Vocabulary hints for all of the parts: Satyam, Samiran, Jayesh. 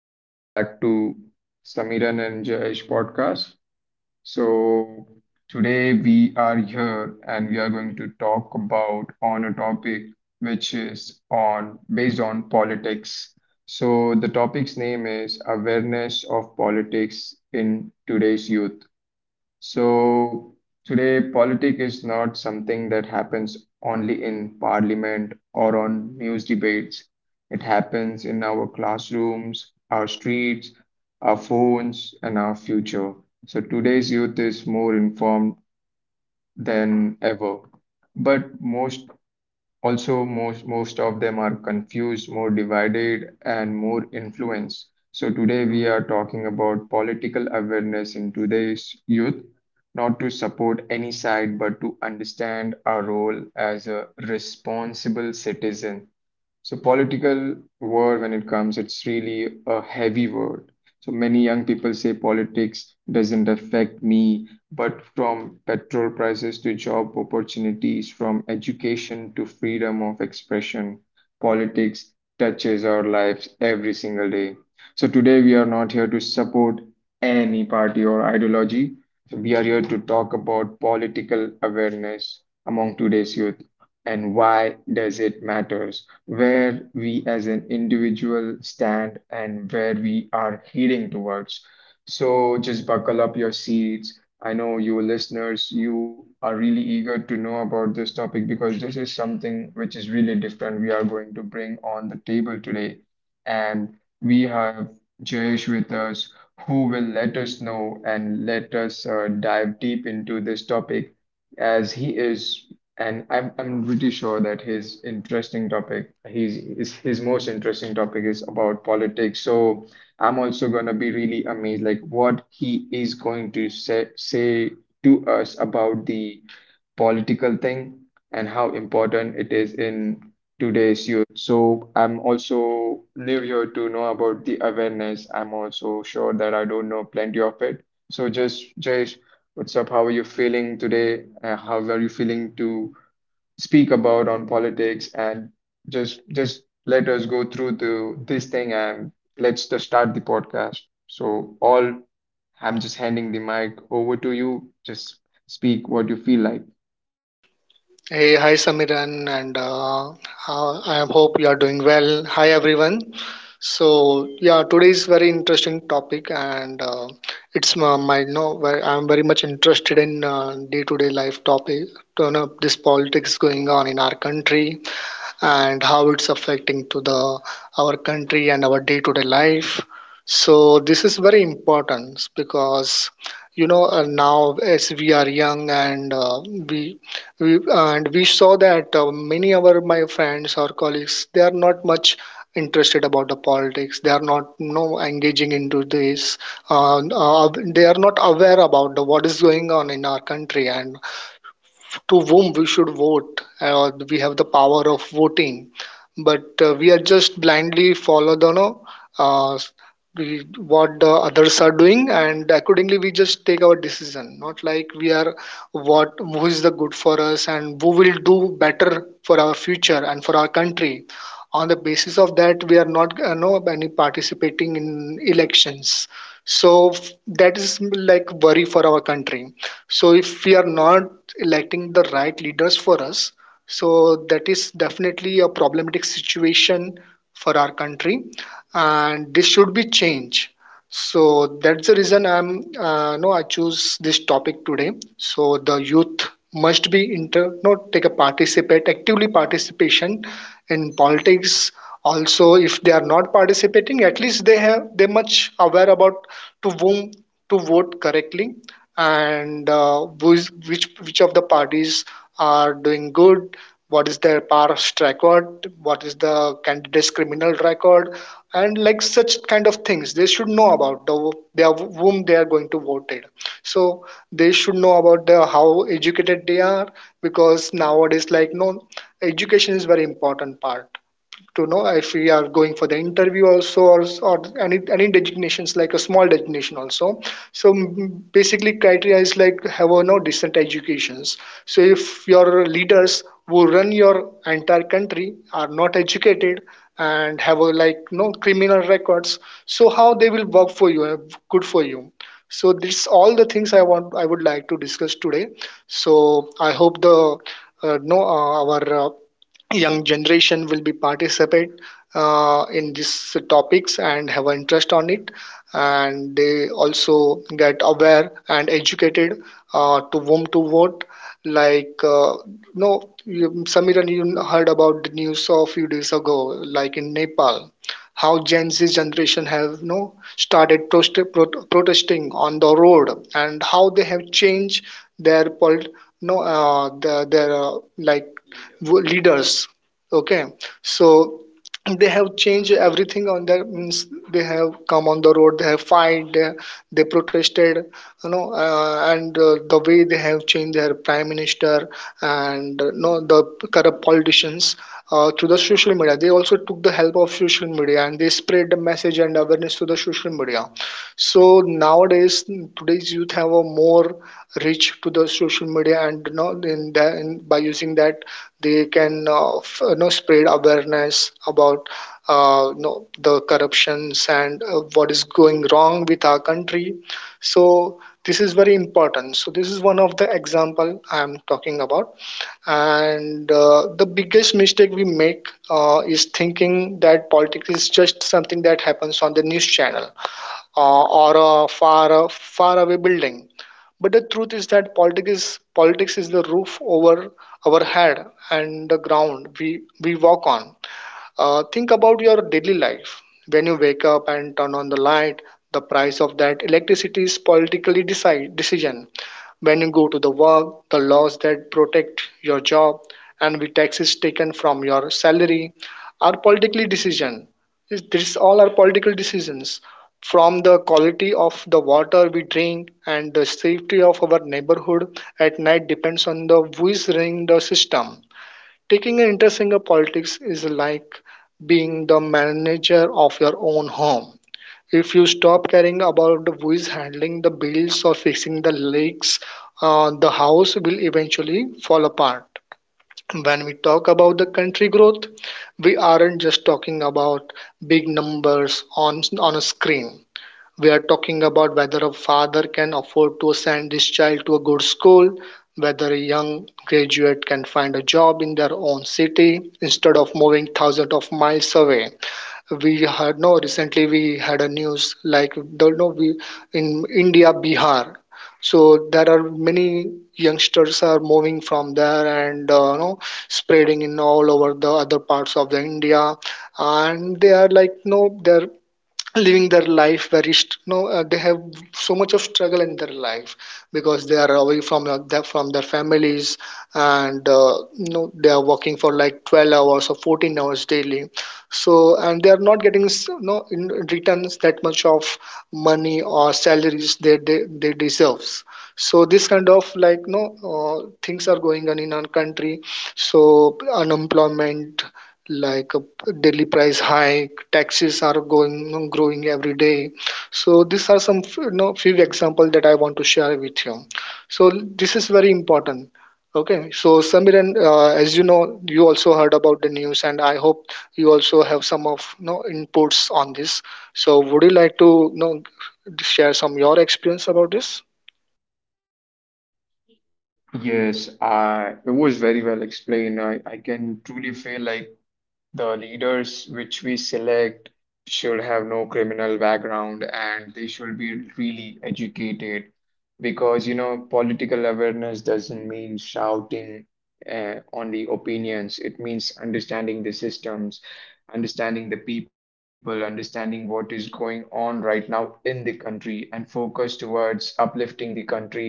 welcome back to Samiran and Jayesh podcast. So today we are here and we are going to talk about on a topic which is on based on politics. So the topic's name is awareness of politics in today's youth. So today, politics is not something that happens only in parliament or on news debates. It happens in our classrooms, our streets, our phones, and our future. So today's youth is more informed than ever. But most also, most most of them are confused, more divided, and more influenced. So today we are talking about political awareness in today's youth, not to support any side, but to understand our role as a responsible citizen. So political word when it comes, it's really a heavy word. So many young people say politics doesn't affect me, but from petrol prices to job opportunities, from education to freedom of expression, politics touches our lives every single day. So today we are not here to support any party or ideology. So we are here to talk about political awareness among today's youth and why does it matters, where we as an individual stand and where we are heading towards. So just buckle up your seats. I know you listeners, you are really eager to know about this topic because this is something which is really different we are going to bring on the table today. And we have Jayesh with us who will let us know and let us dive deep into this topic as he is, and I'm pretty sure that his interesting topic, his most interesting topic is about politics. So I'm also gonna be really amazed, like what he is going to say to us about the political thing and how important it is in today's youth. So I'm also new here to know about the awareness. I'm also sure that I don't know plenty of it. So just Jayesh, what's up? How are you feeling today? How are you feeling to speak about on politics, and just let us go through the this thing and let's just start the podcast. So all I'm just handing the mic over to you. Just speak what you feel like. Hey, hi Samiran, and I hope you are doing well. Hi everyone. So yeah, today is very interesting topic, and it's my, my no, very- I'm very much interested in day-to-day life topic. You know this politics going on in our country, and how it's affecting to the our country and our day-to-day life. So this is very important because you know now as we are young and we and we saw that many of our my friends or colleagues they are not much interested about the politics. They are not no engaging into this. Uh, uh, they are not aware about what is going on in our country and to whom we should vote. Or we have the power of voting, but we are just blindly follow the no, uh, we, what the others are doing, and accordingly we just take our decision. Not like we are what who is the good for us and who will do better for our future and for our country. On the basis of that, we are not no any participating in elections. So f- that is like worry for our country, so if we are not electing the right leaders for us, so that is definitely a problematic situation for our country, and this should be changed. So that's the reason I'm no I choose this topic today. So the youth must be inter no take a participate actively participation in politics. Also, if they are not participating, at least they have they much aware about to whom to vote correctly and which which of the parties are doing good, what is their past record, what is the candidate's criminal record, and like such kind of things they should know about the their whom they are going to vote it. So they should know about the how educated they are, because nowadays like no education is very important part to know if we are going for the interview also, or any designations like a small designation also. So basically criteria is like have a no decent educations. So if your leaders who run your entire country are not educated and have a like no criminal records, so how they will work for you, good for you. So this all the things I would like to discuss today. So I hope the no our young generation will be participate in these topics and have interest on it, and they also get aware and educated to whom to vote. Like no you, Samiran, you heard about the news a few days ago like in Nepal, how Gen Z generation have you know, started protesting on the road and how they have changed their pol- no the, their like leaders. Okay, so they have changed everything on their means, they have come on the road, they have fight, they protested. You know and the way they have changed their prime minister and you know the corrupt politicians, through the social media. They also took the help of social media and they spread the message and awareness to the social media. So nowadays today's youth have a more reach to the social media, and you know by using that they can you know spread awareness about you know, the corruptions and what is going wrong with our country. So this is very important, so this is one of the example I am talking about. And the biggest mistake we make is thinking that politics is just something that happens on the news channel, or a far far away building. But the truth is that politics is the roof over our head and the ground we walk on. Think about your daily life. When you wake up and turn on the light, the price of that electricity is decision. When you go to the work, the laws that protect your job and the taxes taken from your salary are politically decision. This all are political decisions. From the quality of the water we drink and the safety of our neighborhood at night depends on the who is running the system. Taking an interest in the politics is like being the manager of your own home. If you stop caring about who is handling the bills or fixing the leaks, the house will eventually fall apart. When we talk about the country growth, we aren't just talking about big numbers on a screen. We are talking about whether a father can afford to send his child to a good school, whether a young graduate can find a job in their own city instead of moving thousands of miles away. We had no Recently we had a news like don't know we in India Bihar. So there are many youngsters are moving from there, and you know spreading in all over the other parts of the India, and they are like no they're living their life very st- no they have so much of struggle in their life because they are away from their from their families, and you know they are working for like 12 hours or 14 hours daily. So and they are not getting s- no in returns that much of money or salaries they deserves. So this kind of like no things are going on in our country. So unemployment, like a daily price hike, taxes are going growing every day. So these are some you know, few examples that I want to share with you. So this is very important. Okay, so Samiran, as you know, you also heard about the news, and I hope you also have some of you know, inputs on this. So would you like to you know, share some your experience about this? Yes, I it was very well explained. I can truly feel like the leaders which we select should have no criminal background and they should be really educated, because political awareness doesn't mean shouting on the opinions. It means understanding the systems, understanding the people, understanding what is going on right now in the country, and focus towards uplifting the country.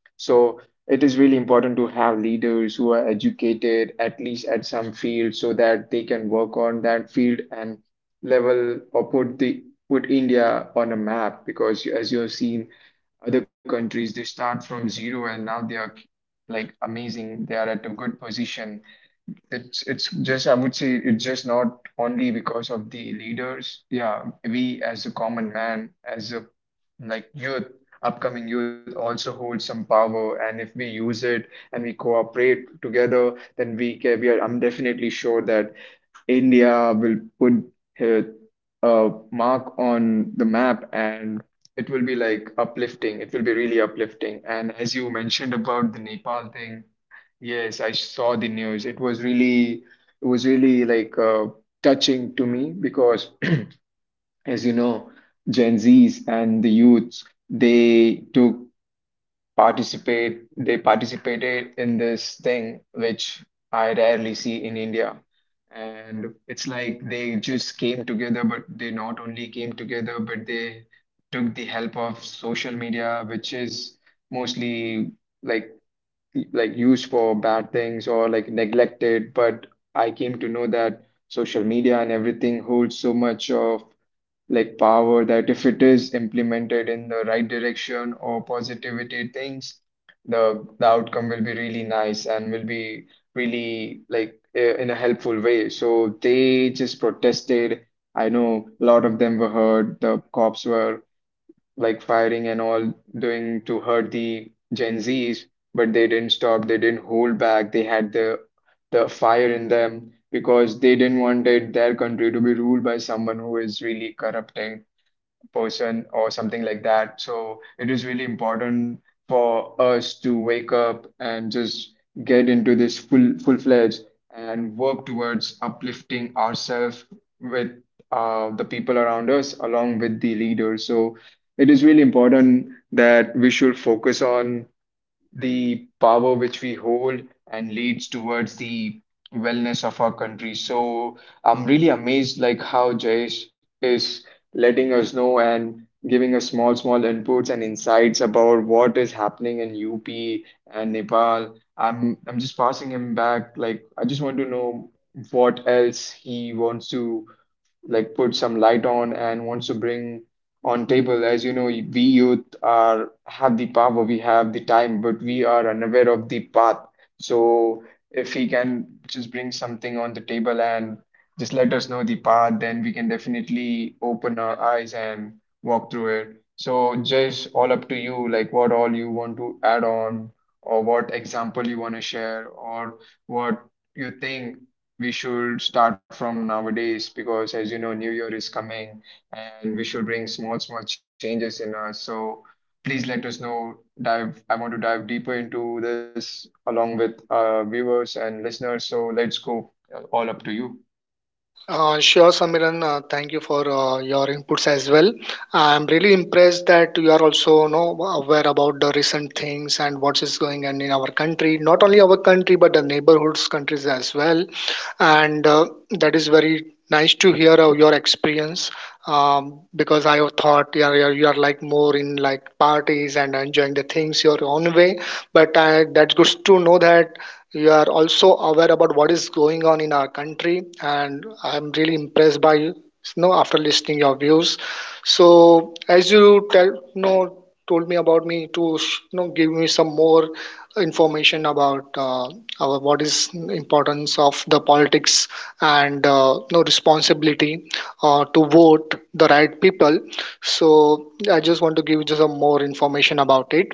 So it is really important to have leaders who are educated at least at some field so that they can work on that field and level, or put India on a map, because as you have seen other countries, they start from zero and now they are like amazing, they are at a good position. It's just, I would say, it's just not only because of the leaders. Yeah, we as a common man, as a like youth, upcoming youth also holds some power, and if we use it and we cooperate together, then we can, we are. I'm definitely sure that India will put her mark on the map, and it will be like uplifting. It will be really uplifting. And as you mentioned about the Nepal thing, yes, I saw the news. It was really like touching to me because, as you know, Gen Zs and the youths, they took participate they participated in this thing, which I rarely see in India. And it's like they just came together, but they not only came together, but they took the help of social media, which is mostly like like used for bad things or like neglected. But I came to know that social media and everything holds so much of like power, that if it is implemented in the right direction or positivity things, the outcome will be really nice and will be really like in a helpful way. So they just protested. I know a lot of them were hurt, the cops were like firing and all, doing to hurt the Gen Z's, but they didn't stop, they didn't hold back. They had the fire in them because they didn't wanted their country to be ruled by someone who is really corrupting person or something like that. So it is really important for us to wake up and just get into this full-fledged and work towards uplifting ourselves with the people around us along with the leaders. So it is really important that we should focus on the power which we hold and leads towards the wellness of our country. So I'm really amazed like how Jayesh is letting us know and giving us small, small inputs and insights about what is happening in UP and Nepal. I'm just passing him back. Like I just want to know what else he wants to like put some light on and wants to bring on table. As you know, we youth are have the power, we have the time, but we are unaware of the path. So if he can just bring something on the table and just let us know the path, then we can definitely open our eyes and walk through it. So just all up to you, like what all you want to add on, or what example you want to share, or what you think we should start from nowadays, because as you know new year is coming and we should bring small small changes in us, so please let us know. Dive i want to dive deeper into this along with viewers and listeners, so let's go. All up to you. Sure, Samiran. Thank you for your inputs as well. I'm really impressed that you are also you know aware about the recent things and what is going on in our country. Not only our country, but the neighborhoods countries as well. And that is very nice to hear your experience. Because I have thought you are you are like more in like parties and enjoying the things your own way. But I, that's good to know that you are also aware about what is going on in our country, and I'm really impressed by you, you know, after listening your views. So as you tell you know told me about me to you know give me some more information about our what is importance of the politics and you know responsibility to vote the right people. So I just want to give you some more information about it.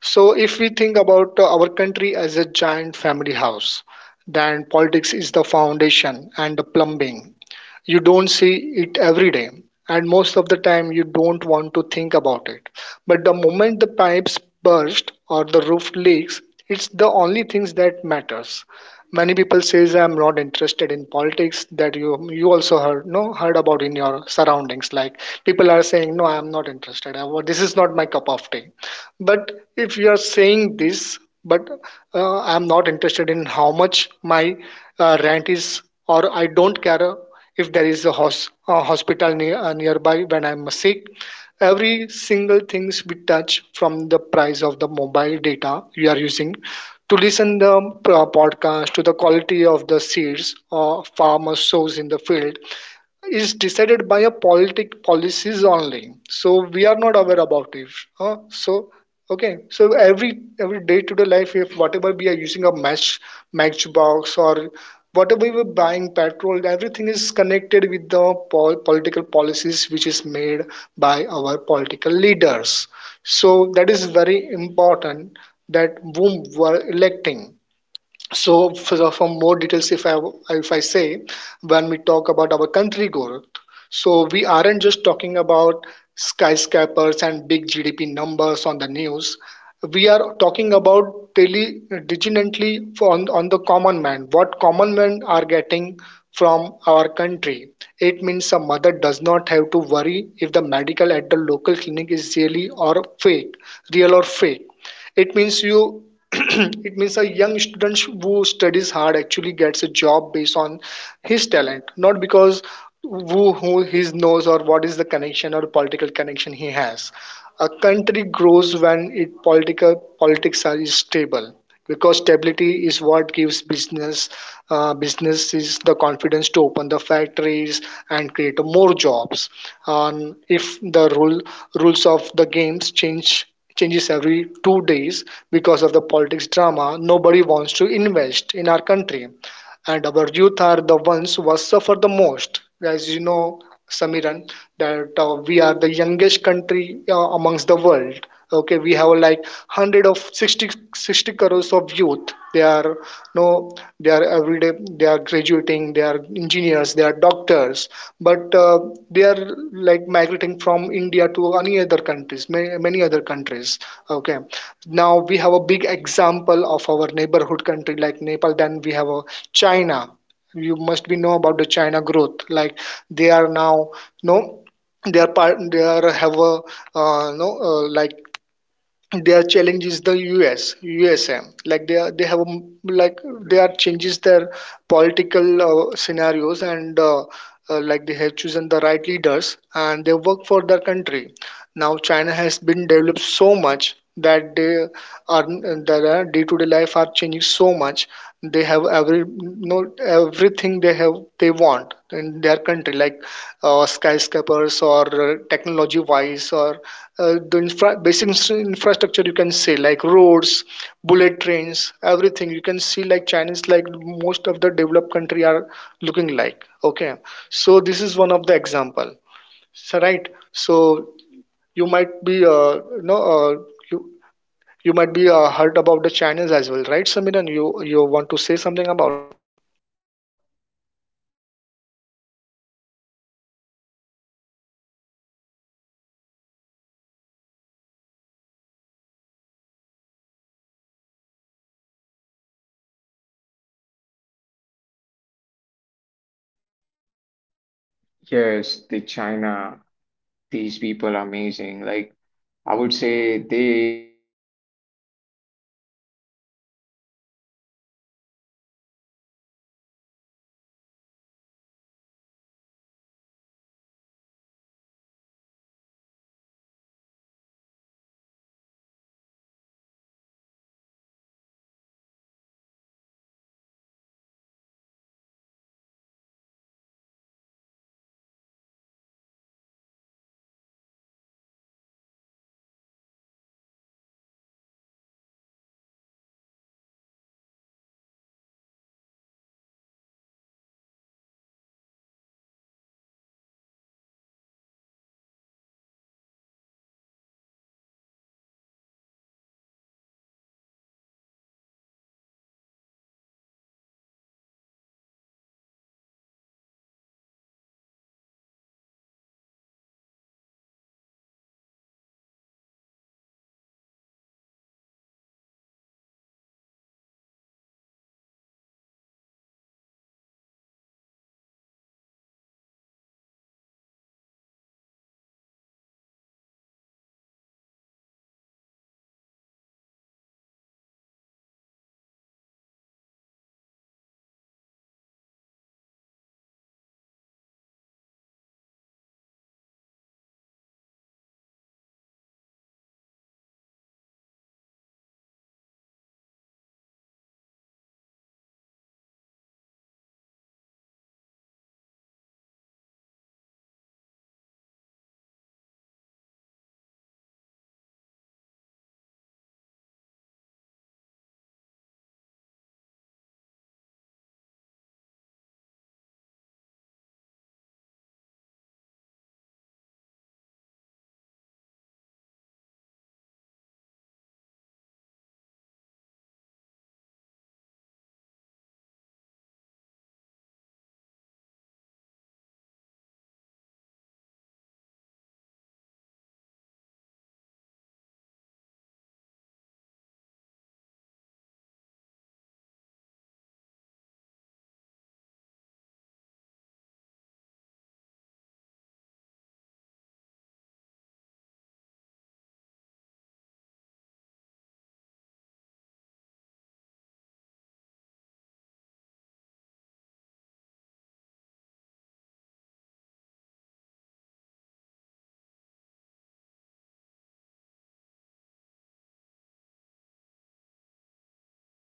So, if we think about our country as a giant family house, then politics is the foundation and the plumbing. You don't see it every day, and most of the time, you don't want to think about it. But the moment the pipes burst or the roof leaks, it's the only things that matters. Many people says I'm not interested in politics. That you also heard no heard about in your surroundings. Like people are saying, no, I'm not interested. I- This is not my cup of tea, but if you are saying this, but I'm not interested in how much my rent is, or I don't care if there is a hospital nearby when I'm sick. Every single things we touch, from the price of the mobile data you are using to listen the podcast, to the quality of the seeds or farmer sows in the field, is decided by a politic policies only. So we are not aware about it, huh? So okay, so every day to day life, if whatever we are using a matchbox or whatever we were buying petrol, everything is connected with the political policies which is made by our political leaders. So that is very important, that whom we are electing. So for more details, if I say, when we talk about our country growth, so we aren't just talking about skyscrapers and big GDP numbers on the news. We are talking about daily, diligently on the common man. What common men are getting from our country? It means a mother does not have to worry if the medical at the local clinic is real or fake. It means you it means a young student who studies hard actually gets a job based on his talent, not because who he knows or what is the connection or political connection he has. A country grows when its political politics are stable, because stability is what gives businesses the confidence to open the factories and create more jobs. And if the rules of the games change changes every 2 days because of the politics drama, nobody wants to invest in our country, and our youth are the ones who suffer the most. As you know, Samiran, that we are the youngest country amongst the world. Okay, we have like 100 of 60 60 crores of youth. They are no, they are every day, they are graduating, they are engineers, they are doctors. But they are like migrating from India to any other countries, many, many other countries. Okay, now we have a big example of our neighborhood country like Nepal. Then we have a China. You must be know about the China growth. Like they are now no, they are part, they are have a no like their challenge is the USM. Like they are, they have a like they are changes their political scenarios, and like they have chosen the right leaders and they work for their country. Now China has been developed so much that they are their day-to-day life are changing so much. They have every no everything they have they want in their country, like skyscrapers or technology-wise or the infrastructure you can see like roads, bullet trains, everything. You can see like Chinese like most of the developed country are looking like. Okay, so this is one of the example. So, right. So you might be you you might be heard about the channels as well, right Samiran? You want to say something about Yes, the China, these people are amazing. Like, I would say they are like one of the top leading countries right now, because they have chose the correct leaders. But not only it's about on the leaders, as I said, it's also about on the youth, which helps, which works hand on hand to bring the nation on top. So currently, I would say, as Trace explain its important and how important it is to uplift the country and what all changes can be made by the youth. So I have to put something, some positive and negatives role of social media in politics, as we say that we have a lot of touch or reach to this, what we say, the resources like social media, so how it influences us. So positive examples I would say is it has easy access to information, like youth voices are heard, and negative, I would say, like be aware of the fake news and influencers, which are like without accountability. So we need to be aware of such people because social media didn't make us aware, it made us loud. So we need to be aware, but at the same time, we should have the knowledge. And I would say, like me being a youth, as you see that you feel you must be feeling that I must be partying and this, it's actually right, but I would like to inform you that why most many youth avoid politics is because politics is always, to be honest, seen as a dirty or corrupt, which like the youth doesn't like, and it's not flashy at all, so it doesn't attract the eyes of the upcoming youth. And it like it feels, it like the feeling is very powerless, like my vote doesn't matter, like people or you always think like one vote, what did what would like it help, it just a vote. And always they have a fear of judgment and lack of political education in school, as you mentioned, like school is not like focusing on topics which helps the students to know about this. So it's not our fault, I would say it's like everyone's fault. So we complain about the system but we don't want to engage with it. So I think it all things goes hand in hand. And I would say like, but yeah, political awareness is crucial for youth because it likes today's decision can shape the next 20, 30 years. And obviously, Jayesh will be having a kid in some years, and when he grows up, it should be a nation where he feels like he his voice has been heard and his country is at the top. So politicals affect you directly, like education, employment, internet freedom, environment, gender, and social equality. So I would say if you you stay silent, then someone else decides your future. So youth, please do not stay silent. Use your power. And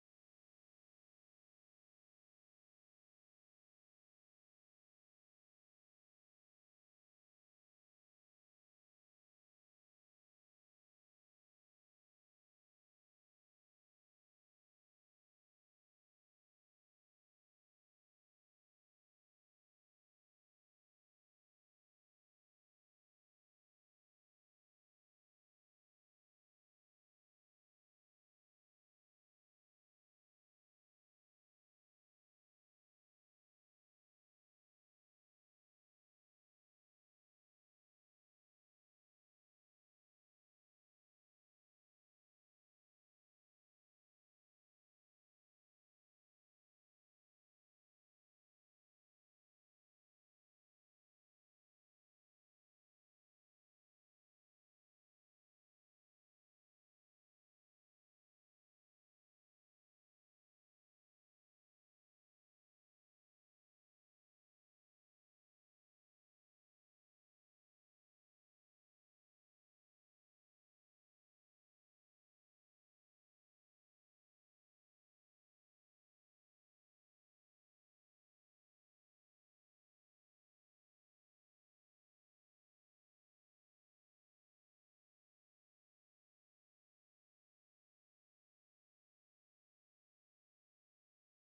I would like to give some pointers on how youth can be politically aware about this, me being a youth. So, yeah, we can follow multiple news channels, sources. Like, we can question before sharing, like, just don't blindly share anything because we should know the behind story about it, and we should read beyond headlines. We should vote responsibly and understand local politics and respect different opinions. And like awareness is not about choosing side, it's about choosing the youth. So, it's really important about it. And as we are at the end of the topic and we talk about a lot about politics, I would like to inform you that democracy doesn't survive on opinions, it survives on awareness. So the youth of today doesn't lack a voice, it lacks direction and depth. If if we learn to question, verify, and participate responsibly, we don't just react to politics, we shape it. So awareness is not power alone, it's informed action is. So today, me and Jayesh are taking a leave on this topic. I hope this topic was really informative, and to anybody watching this topic, the youth, the older, the people who have the leader quality in themselves, just just spread awareness about this and make our country great again. So thank you for tuning in. I hope you enjoyed this episode and see you next time. Thank you so much.